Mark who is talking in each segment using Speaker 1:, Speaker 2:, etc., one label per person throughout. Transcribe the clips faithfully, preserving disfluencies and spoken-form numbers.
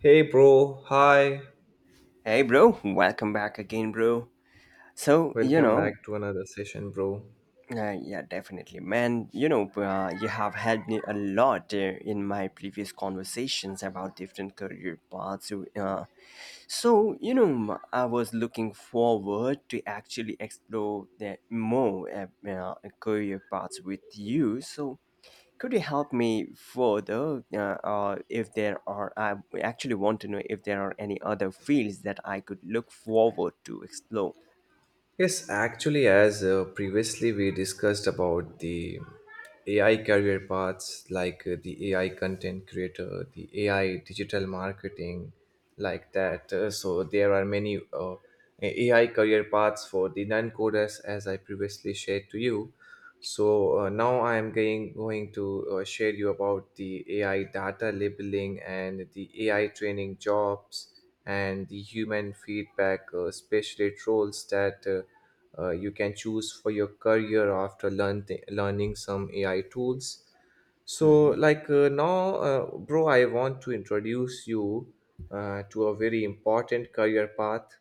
Speaker 1: Hey, bro. Hi.
Speaker 2: Hey, bro, welcome back again, bro. So, you
Speaker 1: Welcome back
Speaker 2: know,
Speaker 1: to another session, bro.
Speaker 2: uh, yeah, definitely, man. You know, uh, you have helped me a lot uh, in my previous conversations about different career paths. So, Uh, so, you know, m- I was looking forward to actually explore the more uh, uh, career paths with you. So, could you help me further uh, uh, if there are I actually want to know if there are any other fields that I could look forward to explore.
Speaker 1: Yes, actually, as uh, previously we discussed about the A I career paths, like uh, the A I content creator, the A I digital marketing, like that. Uh, so there are many uh, A I career paths for the non-coders, as I previously shared to you. So uh, now I am going, going to uh, share you about the A I data labeling and the A I training jobs, and the human feedback uh, specialist roles that uh, uh, you can choose for your career after learn learning some A I tools. So
Speaker 2: Hmm.
Speaker 1: like uh, now, uh, bro, I want to introduce you uh, to a very important career path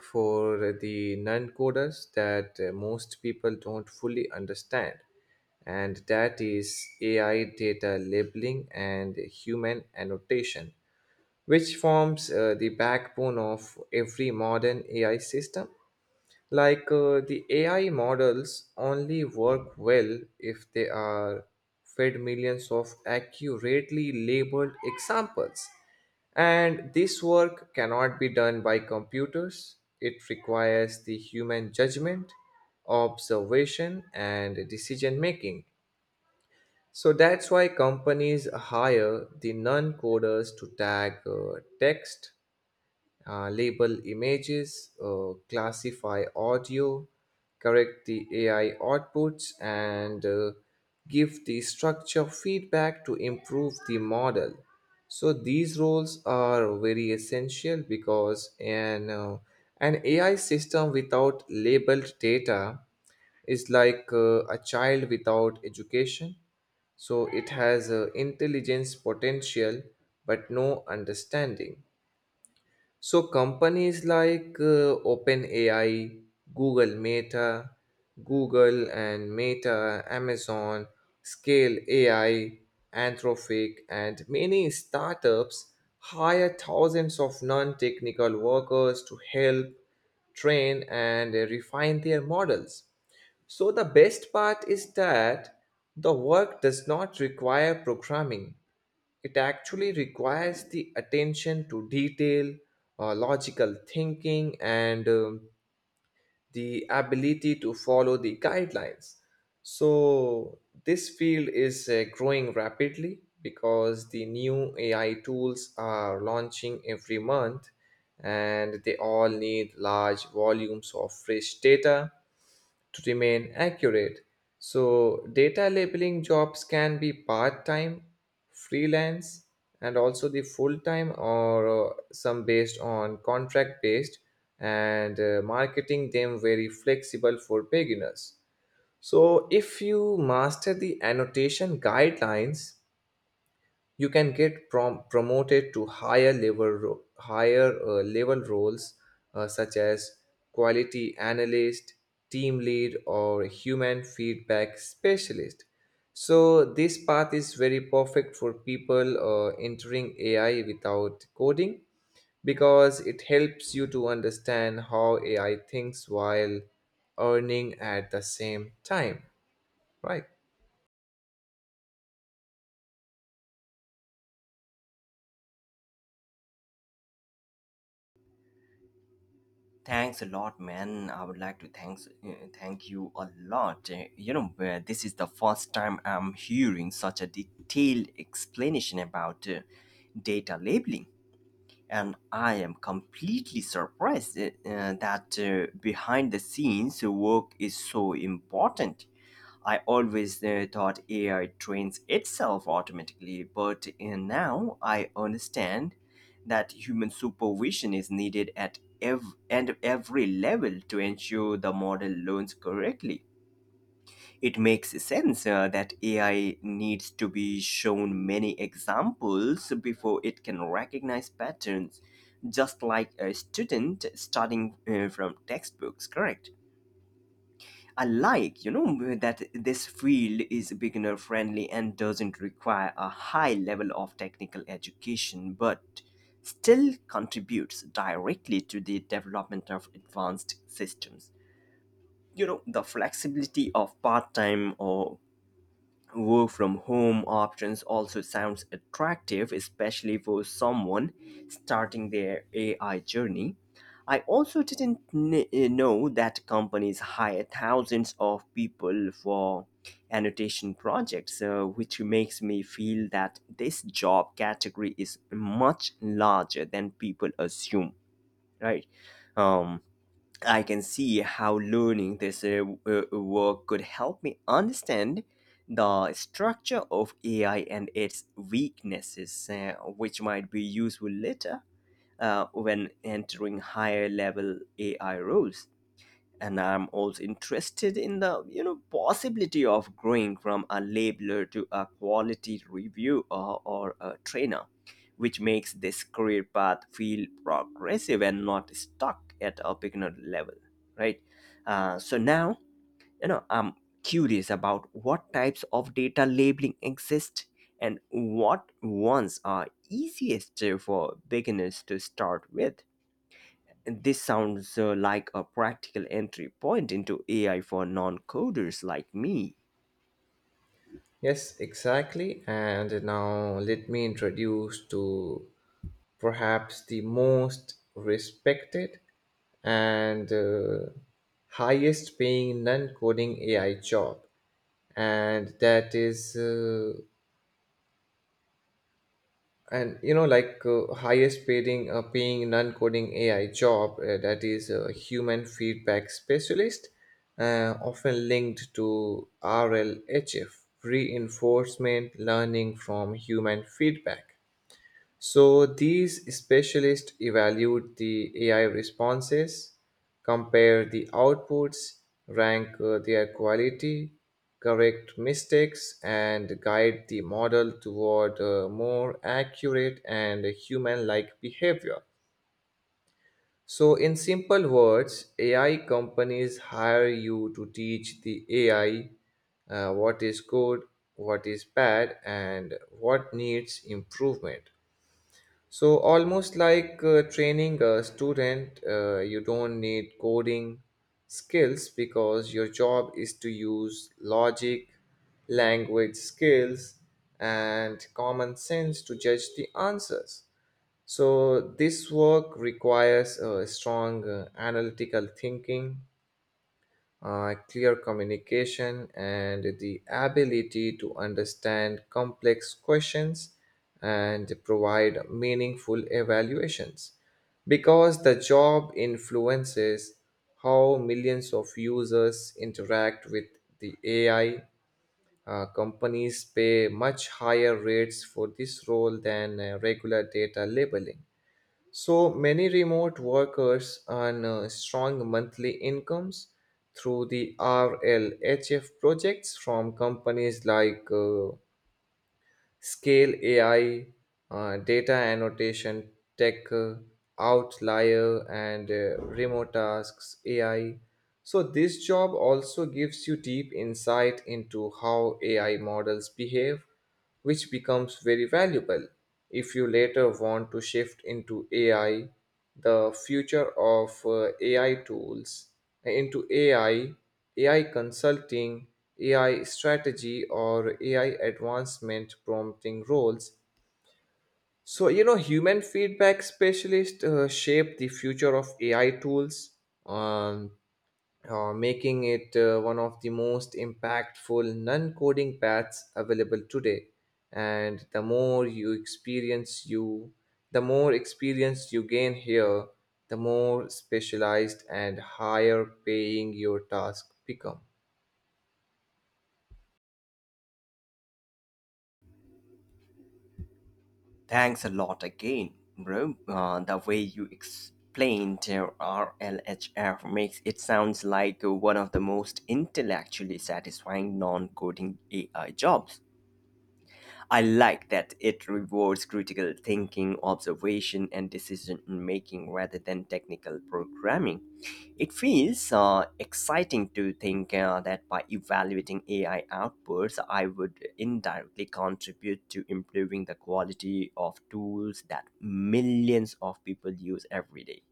Speaker 1: for the non coders that uh, most people don't fully understand, and that is A I data labeling and human annotation, which forms uh, the backbone of every modern A I system. Like uh, the A I models only work well if they are fed millions of accurately labeled examples, and this work cannot be done by computers. It requires the human judgment, observation, and decision making. So that's why companies hire the non coders to tag uh, text, uh, label images, uh, classify audio, correct the A I outputs, and uh, give the structure feedback to improve the model. So these roles are very essential because an, uh, an A I system without labeled data is like uh, a child without education. So it has uh, intelligence potential but no understanding. So companies like uh, OpenAI, Google Meta, Google and Meta, Amazon, Scale A I, Anthropic, and many startups hire thousands of non-technical workers to help train and uh, refine their models. So the best part is that the work does not require programming. It actually requires the attention to detail, uh, logical thinking, and um, the ability to follow the guidelines. So, this field is uh, growing rapidly because the new A I tools are launching every month, and they all need large volumes of fresh data to remain accurate. So, data labeling jobs can be part time, freelance, and also the full time, or uh, some based on contract based, and uh, marketing them very flexible for beginners. So, if you master the annotation guidelines, you can get prom- promoted to higher level ro- higher uh, level roles, uh, such as quality analyst, team lead, or human feedback specialist. So this path is very perfect for people uh, entering A I without coding because it helps you to understand how A I thinks while earning at the same time, right?
Speaker 2: Thanks a lot, man. I would like to thanks uh, thank you a lot. Uh, You know, uh, this is the first time I'm hearing such a detailed explanation about uh, data labeling, and I am completely surprised uh, uh, that uh, behind the scenes work is so important. I always uh, thought A I trains itself automatically, but uh, now I understand that human supervision is needed at ev- and every level to ensure the model learns correctly. It makes sense uh, that A I needs to be shown many examples before it can recognize patterns, just like a student studying uh, from textbooks, correct? I like, you know, that this field is beginner friendly and doesn't require a high level of technical education, but still contributes directly to the development of advanced systems. You know, the flexibility of part time or work from home options also sounds attractive, especially for someone starting their A I journey. I also didn't kn- uh, know that companies hire thousands of people for annotation projects, uh, which makes me feel that this job category is much larger than people assume, right? Um, I can see how learning this uh, w- uh, work could help me understand the structure of A I and its weaknesses, uh, which might be useful later uh, when entering higher level A I roles, and I'm also interested in the you know possibility of growing from a labeler to a quality review or, or a trainer, which makes this career path feel progressive and not stuck at a beginner level, right? Uh, so now, you know I'm curious about what types of data labeling exist and what ones are easiest for beginners to start with. This sounds uh, like a practical entry point into A I for non coders like me.
Speaker 1: Yes, exactly. And now let me introduce to perhaps the most respected and uh, highest paying non coding A I job, and that is uh, and you know like uh, highest paying uh, paying non-coding ai job uh, that is a human feedback specialist, uh, often linked to RLHF: reinforcement learning from human feedback. So these specialists evaluate the A I responses, compare the outputs, rank uh, their quality, correct mistakes, and guide the model toward uh, more accurate and human-like behavior. So, in simple words, A I companies hire you to teach the A I uh, what is good, what is bad, and what needs improvement. So, almost like uh, training a student, uh, you don't need coding skills because your job is to use logic, language skills, and common sense to judge the answers. So, this work requires a strong uh, analytical thinking, uh, clear communication, and the ability to understand complex questions and provide meaningful evaluations. Because the job influences how millions of users interact with the A I, uh, companies pay much higher rates for this role than uh, regular data labeling. So many remote workers earn uh, strong monthly incomes through the R L H F projects from companies like uh, Scale A I, uh, Data Annotation Tech, uh, Outlier, and uh, Remote Tasks A I. So, this job also gives you deep insight into how A I models behave, which becomes very valuable if you later want to shift into A I, the future of uh, AI tools, into AI AI consulting, AI strategy, or A I advancement prompting roles. So, you know, human feedback specialists uh, shape the future of A I tools, um, uh, making it uh, one of the most impactful non coding paths available today. And the more you experience you, the more experience you gain here, the more specialized and higher paying your task become.
Speaker 2: Thanks a lot again, bro. Uh, the way you explained uh, R L H F makes it sounds like uh, one of the most intellectually satisfying non coding A I jobs. I like that it rewards critical thinking, observation, and decision making rather than technical programming. It feels uh, exciting to think uh, that by evaluating A I outputs, I would indirectly contribute to improving the quality of tools that millions of people use every day.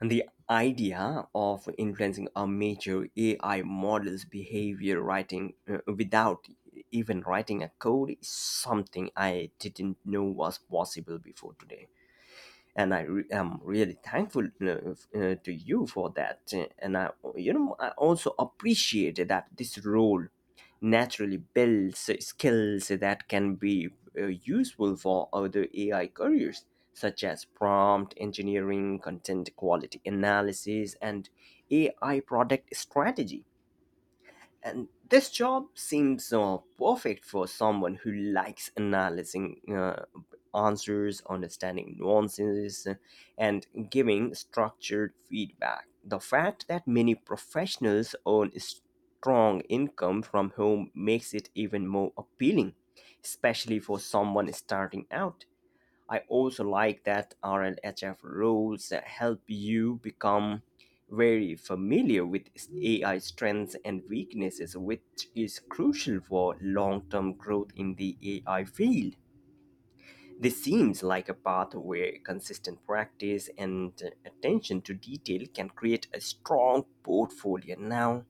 Speaker 2: And the idea of influencing a major A I model's behavior, writing uh, without even writing a code, is something I didn't know was possible before today, and I re- am really thankful uh, f- uh, to you for that. Uh, And I, you know, I also appreciate that this role naturally builds skills that can be uh, useful for other A I careers, such as prompt engineering, content quality analysis, and A I product strategy. And this job seems uh, perfect for someone who likes analyzing uh, answers, understanding nuances, uh, and giving structured feedback. The fact that many professionals earn strong income from home makes it even more appealing, especially for someone starting out. I also like that R L H F rules help you become very familiar with A I strengths and weaknesses, which is crucial for long term growth in the A I field. This seems like a path where consistent practice and attention to detail can create a strong portfolio. Now,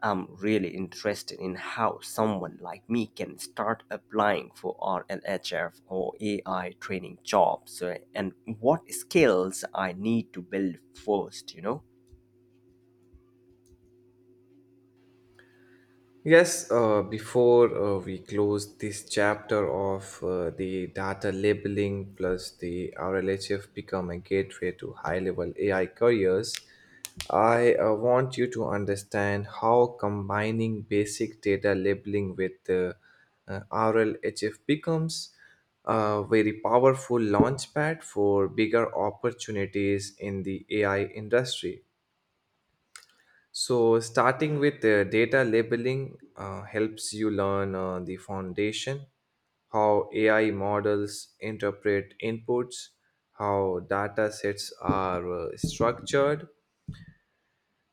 Speaker 2: I'm really interested in how someone like me can start applying for R L H F or A I training jobs, uh, and what skills I need to build first, you know.
Speaker 1: Yes, uh, before uh, we close this chapter of uh, the data labeling plus the R L H F become a gateway to high level A I careers, I uh, want you to understand how combining basic data labeling with uh, uh, R L H F becomes a very powerful launchpad for bigger opportunities in the A I industry. So, starting with uh, data labeling uh, helps you learn uh, the foundation, how A I models interpret inputs, how data sets are uh, structured,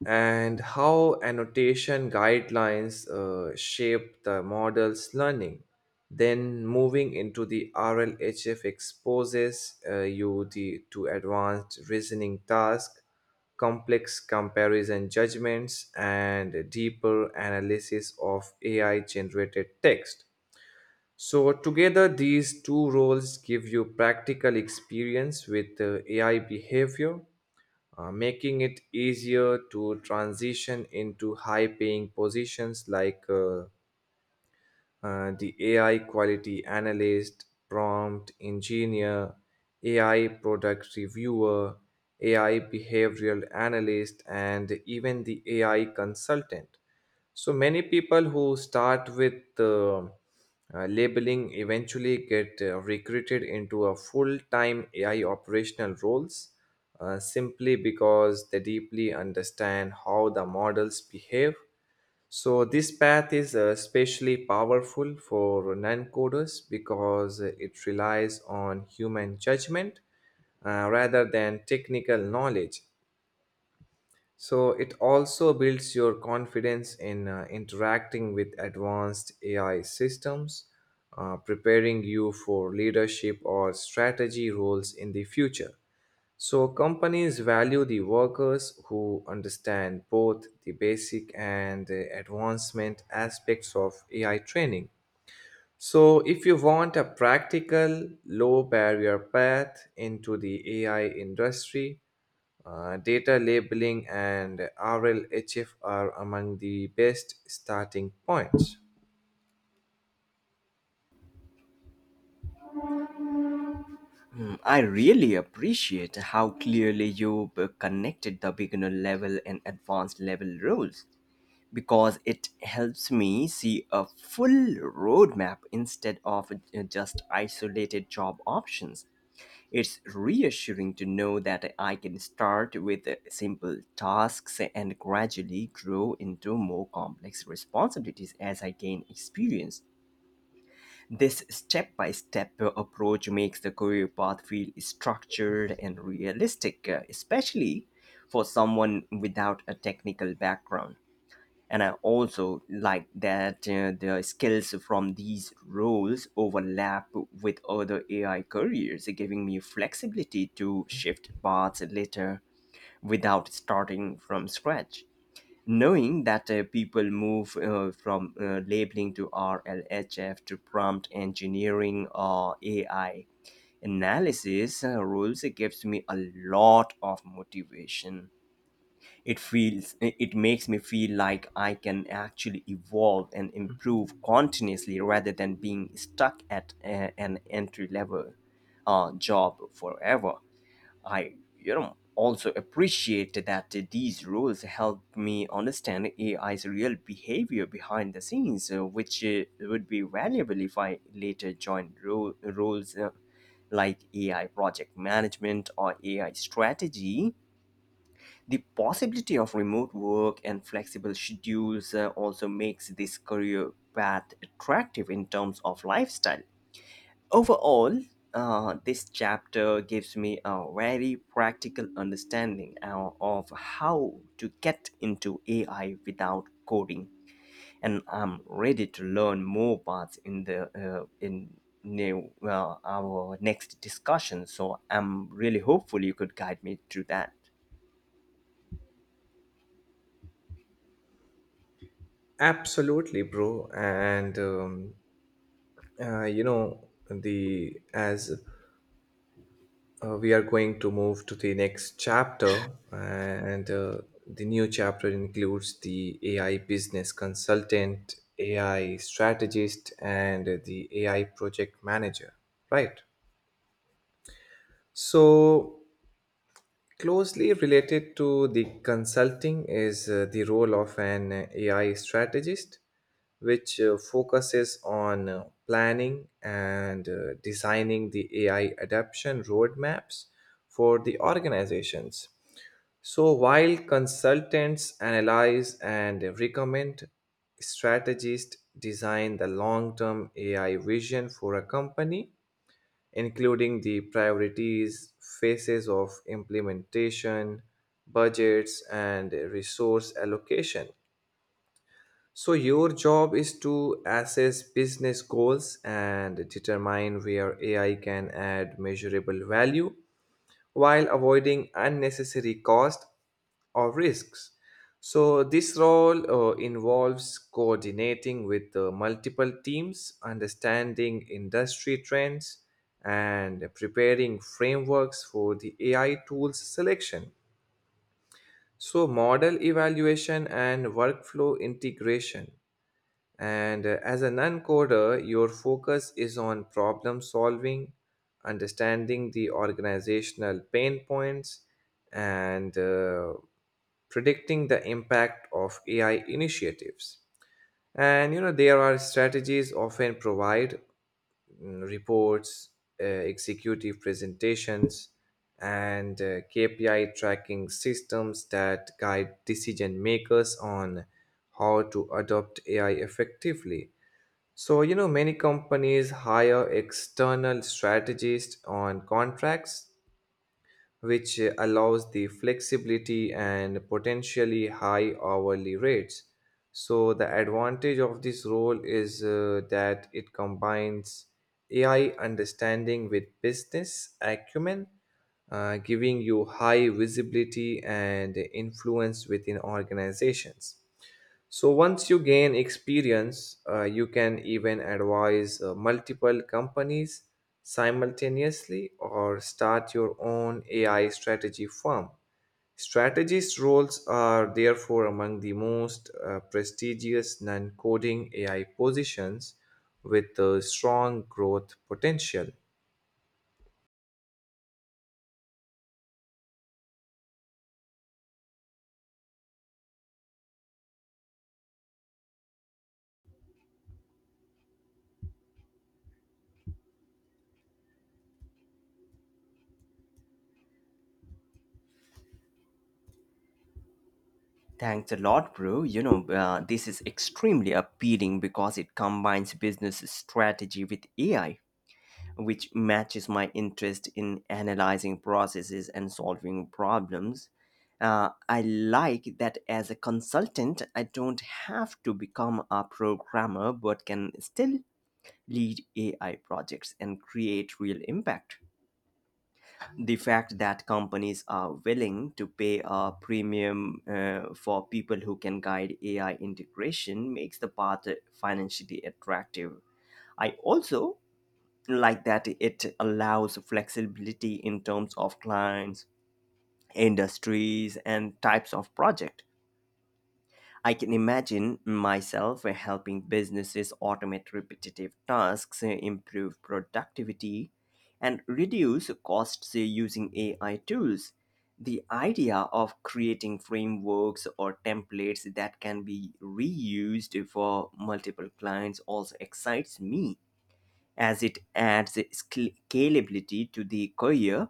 Speaker 1: and how annotation guidelines uh, shape the model's learning. Then moving into the R L H F exposes uh, you the, to advanced reasoning tasks, complex comparison judgments, and deeper analysis of A I generated text. So, together, these two roles give you practical experience with uh, A I behavior, uh, making it easier to transition into high paying positions like uh, uh, the A I quality analyst, prompt engineer, A I product reviewer, A I behavioral analyst, and even the A I consultant. So many people who start with uh, uh, labeling eventually get uh, recruited into a full-time A I operational roles, uh, simply because they deeply understand how the models behave. So this path is uh, especially powerful for non-coders because it relies on human judgment, uh, rather than technical knowledge. So it also builds your confidence in uh, interacting with advanced A I systems, uh, preparing you for leadership or strategy roles in the future. So, companies value the workers who understand both the basic and the advancement aspects of A I training. So, if you want a practical, low barrier path into the A I industry, uh, data labeling and R L H F are among the best starting points.
Speaker 2: Hmm, I really appreciate how clearly you uh, connected the beginner level and advanced level roles, because it helps me see a full roadmap instead of uh, just isolated job options. It's reassuring to know that I can start with simple tasks and gradually grow into more complex responsibilities as I gain experience. This step by step approach makes the career path feel structured and realistic, especially for someone without a technical background. And I also like that uh, the skills from these roles overlap with other AI careers, giving me flexibility to shift paths later without starting from scratch. Knowing that uh, people move uh, from uh, labeling to RLHF to prompt engineering or AI analysis uh, roles, it gives me a lot of motivation. It feels it makes me feel like I can actually evolve and improve continuously rather than being stuck at a- an entry level uh, job forever. I, you know also appreciate that these rules help me understand AI's real behavior behind the scenes, uh, which uh, would be valuable if I later join ro- roles uh, like AI project management or AI strategy. The possibility of remote work and flexible schedules uh, also makes this career path attractive in terms of lifestyle. Overall, uh, this chapter gives me a very practical understanding uh, of how to get into A I without coding, and I'm ready to learn more parts in the uh, in new uh, our next discussion. So I'm really hopeful you could guide me through that.
Speaker 1: Absolutely, bro. And um, uh, you know the as uh, we are going to move to the next chapter, and uh, the new chapter includes the A I business consultant, A I strategist, and the A I project manager, right? So, closely related to the consulting is uh, the role of an A I strategist, which uh, focuses on uh, planning and uh, designing the A I adoption roadmaps for the organizations. So, while consultants analyze and recommend, strategists design the long term A I vision for a company, including the priorities, phases of implementation, budgets, and resource allocation. So, your job is to assess business goals and determine where A I can add measurable value while avoiding unnecessary cost or risks. So, this role uh, involves coordinating with uh, multiple teams, understanding industry trends, and preparing frameworks for the A I tools selection. So, model evaluation and workflow integration. And uh, as a non coder, your focus is on problem solving, understanding the organizational pain points, and uh, predicting the impact of A I initiatives. And you know, there are strategies often provide mm, reports, uh, executive presentations, and uh, K P I tracking systems that guide decision makers on how to adopt A I effectively. So, you know, many companies hire external strategists on contracts, which uh, allows the flexibility and potentially high hourly rates. So, the advantage of this role is uh, that it combines A I understanding with business acumen, uh, giving you high visibility and influence within organizations. So once you gain experience, uh, you can even advise uh, multiple companies simultaneously or start your own A I strategy firm. Strategist roles are therefore among the most uh, prestigious non coding A I positions with a strong growth potential.
Speaker 2: Thanks a lot, bro. You know, uh, this is extremely appealing because it combines business strategy with A I, which matches my interest in analyzing processes and solving problems. Uh, I like that as a consultant, I don't have to become a programmer but can still lead A I projects and create real impact. The fact that companies are willing to pay a premium uh, for people who can guide A I integration makes the path financially attractive. I also like that it allows flexibility in terms of clients, industries, and types of project. I can imagine myself helping businesses automate repetitive tasks, improve productivity, and reduce costs using A I tools. The idea of creating frameworks or templates that can be reused for multiple clients also excites me, as it adds scal- scalability to the career.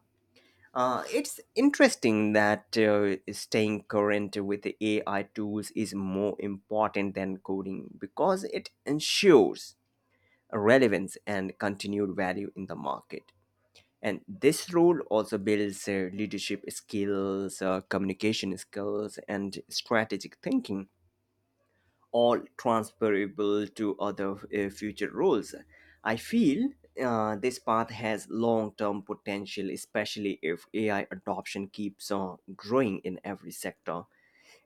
Speaker 2: Uh, it's interesting that uh, staying current with A I tools is more important than coding because it ensures relevance and continued value in the market. And this role also builds uh, leadership skills, uh, communication skills, and strategic thinking, all transferable to other uh, future roles. I feel uh, this path has long-term potential, especially if A I adoption keeps on growing in every sector.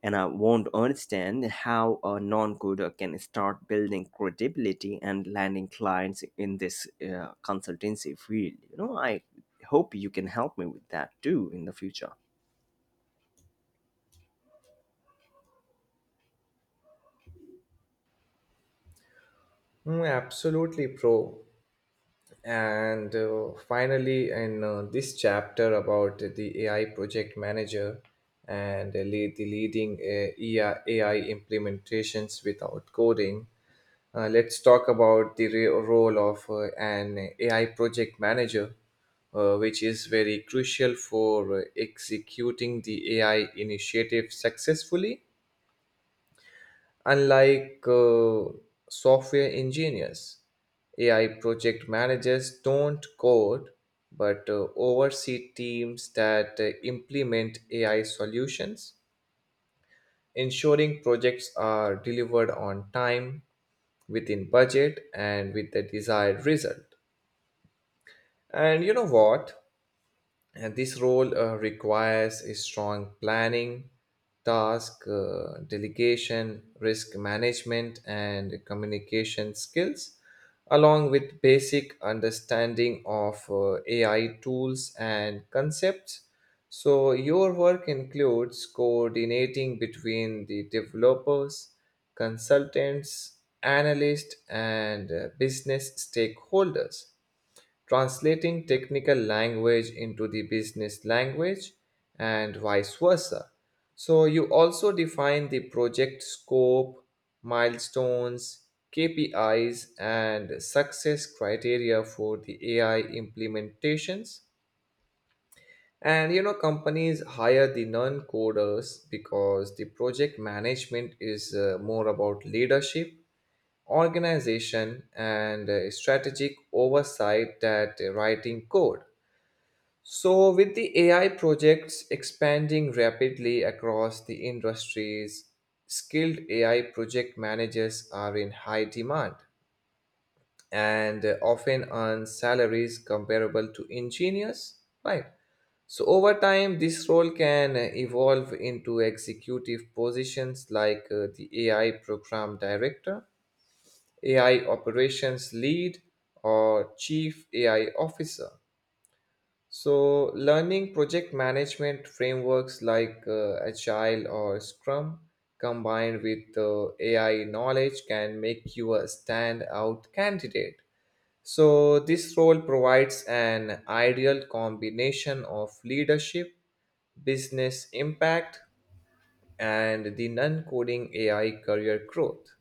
Speaker 2: And I won't understand how a non-coder can start building credibility and landing clients in this uh, consultancy field. You know, I hope you can help me with that too in the future.
Speaker 1: Mm, absolutely, pro. And uh, finally, in uh, this chapter about the A I project manager and the lead- the leading uh, A I implementations without coding, uh, let's talk about the re- role of uh, an A I project manager, uh, which is very crucial for uh, executing the A I initiative successfully. Unlike uh, software engineers, A I project managers don't code but uh, oversee teams that uh, implement A I solutions, ensuring projects are delivered on time, within budget, and with the desired result. And you know what? And this role uh, requires a strong planning, task uh, delegation, risk management, and communication skills, along with basic understanding of uh, A I tools and concepts. So, your work includes coordinating between the developers, consultants, analysts, and uh, business stakeholders, translating technical language into the business language and vice versa. So, you also define the project scope, milestones, K P Is, and success criteria for the A I implementations. And you know, companies hire the non coders because the project management is uh, more about leadership, organization, and uh, strategic oversight that uh, writing code. So, with the A I projects expanding rapidly across the industries, skilled A I project managers are in high demand and uh, often earn salaries comparable to engineers, right? So, over time, this role can uh, evolve into executive positions like uh, the A I program director, A I operations lead, or chief A I officer. So, learning project management frameworks like uh, Agile or Scrum combined with uh, A I knowledge can make you a standout candidate. So, this role provides an ideal combination of leadership, business impact, and the non coding A I career growth.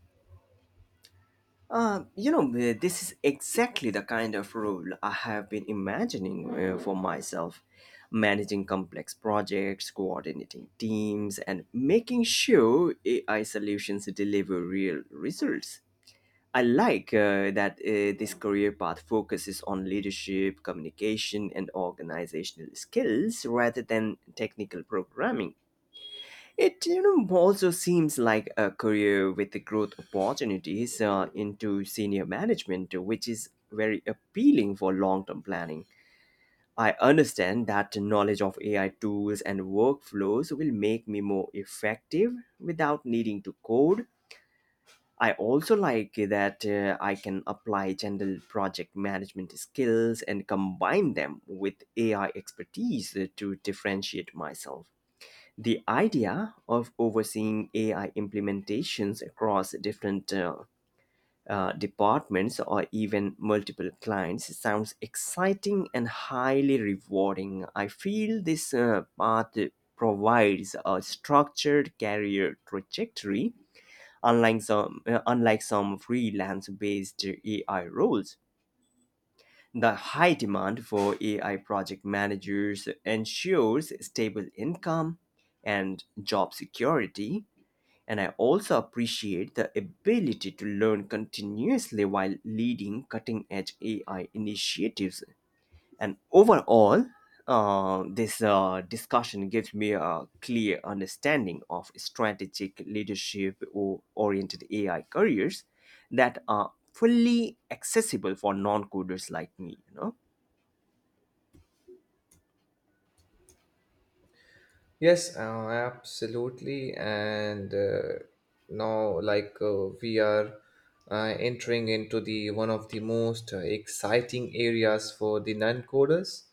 Speaker 2: Uh, you know, uh, this is exactly the kind of role I have been imagining uh, for myself, managing complex projects, coordinating teams, and making sure A I solutions deliver real results. I like uh, that uh, this career path focuses on leadership, communication, and organizational skills rather than technical programming. It you know also seems like a career with the growth opportunities uh, into senior management, which is very appealing for long-term planning. I understand that the knowledge of A I tools and workflows will make me more effective without needing to code. I also like that uh, I can apply general project management skills and combine them with A I expertise to differentiate myself. The idea of overseeing A I implementations across different uh, uh, departments or even multiple clients sounds exciting and highly rewarding. I feel this uh, path provides a structured career trajectory, unlike some, uh, unlike some freelance based A I roles. The high demand for A I project managers ensures stable income and job security, and I also appreciate the ability to learn continuously while leading cutting edge A I initiatives. And overall, uh, this uh, discussion gives me a clear understanding of strategic leadership or oriented A I careers that are fully accessible for non-coders like me you know
Speaker 1: Yes, uh, absolutely. And uh, now, like, uh, we are uh, entering into the one of the most uh, exciting areas for the non-coders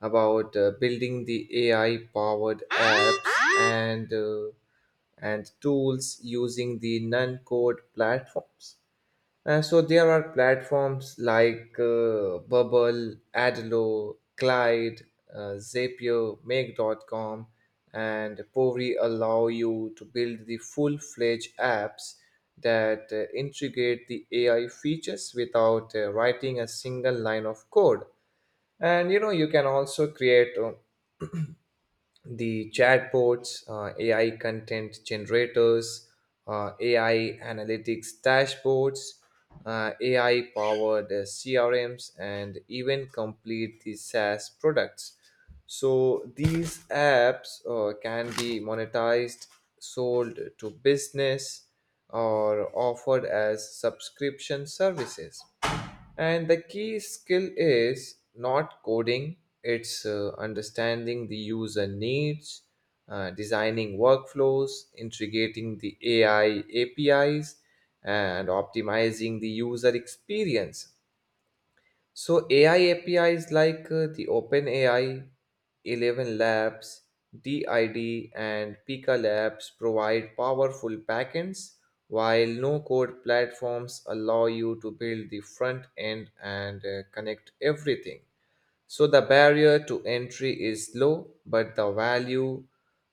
Speaker 1: about uh, building the A I-powered apps and uh, and tools using the non-code platforms. Uh, so there are platforms like uh, Bubble, Adlo, Glide, uh, Zapier, make dot com, and Pori allow you to build the full-fledged apps that uh, integrate the A I features without uh, writing a single line of code. And you know you can also create uh, the chatbots, uh, A I content generators, uh, A I analytics dashboards, uh, A I powered uh, C R Ms, and even complete the SaaS products. So these apps uh, can be monetized, sold to business, or offered as subscription services. And the key skill is not coding, it's uh, understanding the user needs, uh, designing workflows, integrating the A I A P Is, and optimizing the user experience. So A I A P Is like uh, the OpenAI, Eleven Labs, D I D, and Pika Labs provide powerful backends, while no-code platforms allow you to build the front end and uh, connect everything. So the barrier to entry is low, but the value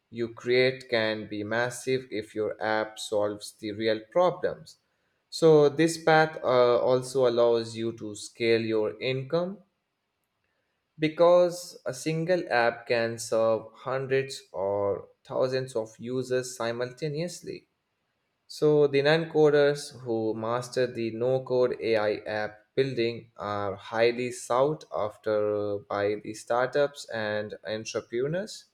Speaker 1: you create can be massive if your app solves the real problems. So this path uh, also allows you to scale your income because a single app can serve hundreds or thousands of users simultaneously. So, the non coders who master the no code A I app building are highly sought after by the startups and entrepreneurs.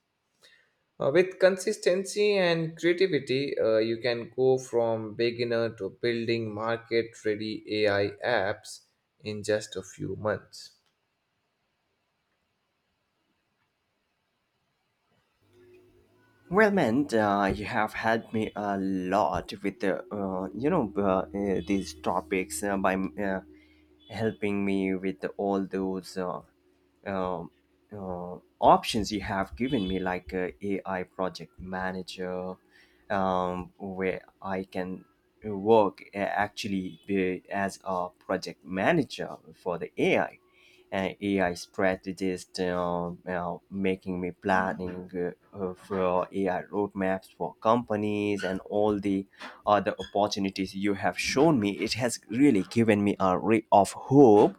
Speaker 1: Uh, with consistency and creativity, uh, you can go from beginner to building market ready A I apps in just a few months.
Speaker 2: Well, man, uh, you have helped me a lot with the uh, you know uh, uh, these topics uh, by uh, helping me with all those uh, um, uh, options you have given me, like uh, A I project manager, um, where I can work uh, actually be as a project manager for the A I. And A I strategist, uh, uh, making me planning uh, uh, for A I roadmaps for companies and all the or the opportunities you have shown me. It has really given me a ray of hope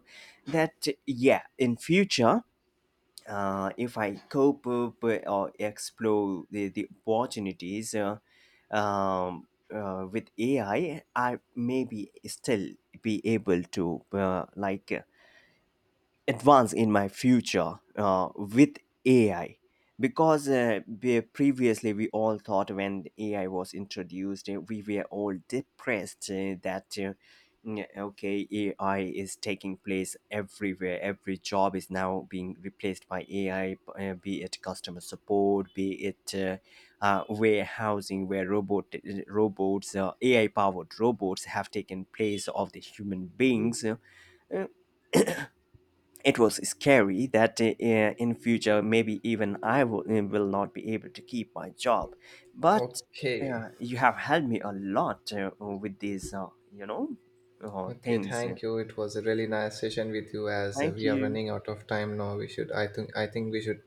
Speaker 2: that, yeah, in future, uh, if I cope up or explore the, the opportunities uh, um, uh, with AI, i I may be still be able to uh, like advance in my future uh, with A I. Because uh, we- previously we all thought when A I was introduced, uh, we were all depressed uh, that. Uh, mm, Okay, A I is taking place everywhere. Every job is now being replaced by A I, uh, be it customer support, be it uh, uh, warehousing, where robot uh, robots, uh, A I powered robots have taken place of the human beings. Uh, it was scary that uh, uh, in future maybe even i will, uh, will not be able to keep my job, but
Speaker 1: Okay.
Speaker 2: uh, you have helped me a lot uh, with these uh, you know uh,
Speaker 1: Okay,
Speaker 2: things.
Speaker 1: thank you. It was a really nice session with you as uh,
Speaker 2: Thank
Speaker 1: we are
Speaker 2: you.
Speaker 1: running out of time now. We should I think I think we should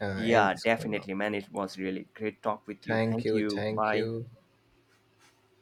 Speaker 1: uh, end
Speaker 2: Yeah,
Speaker 1: this call now.
Speaker 2: definitely, man. It was really great talk with you.
Speaker 1: Thank
Speaker 2: Thank
Speaker 1: you.
Speaker 2: you.
Speaker 1: Thank
Speaker 2: Bye.
Speaker 1: you.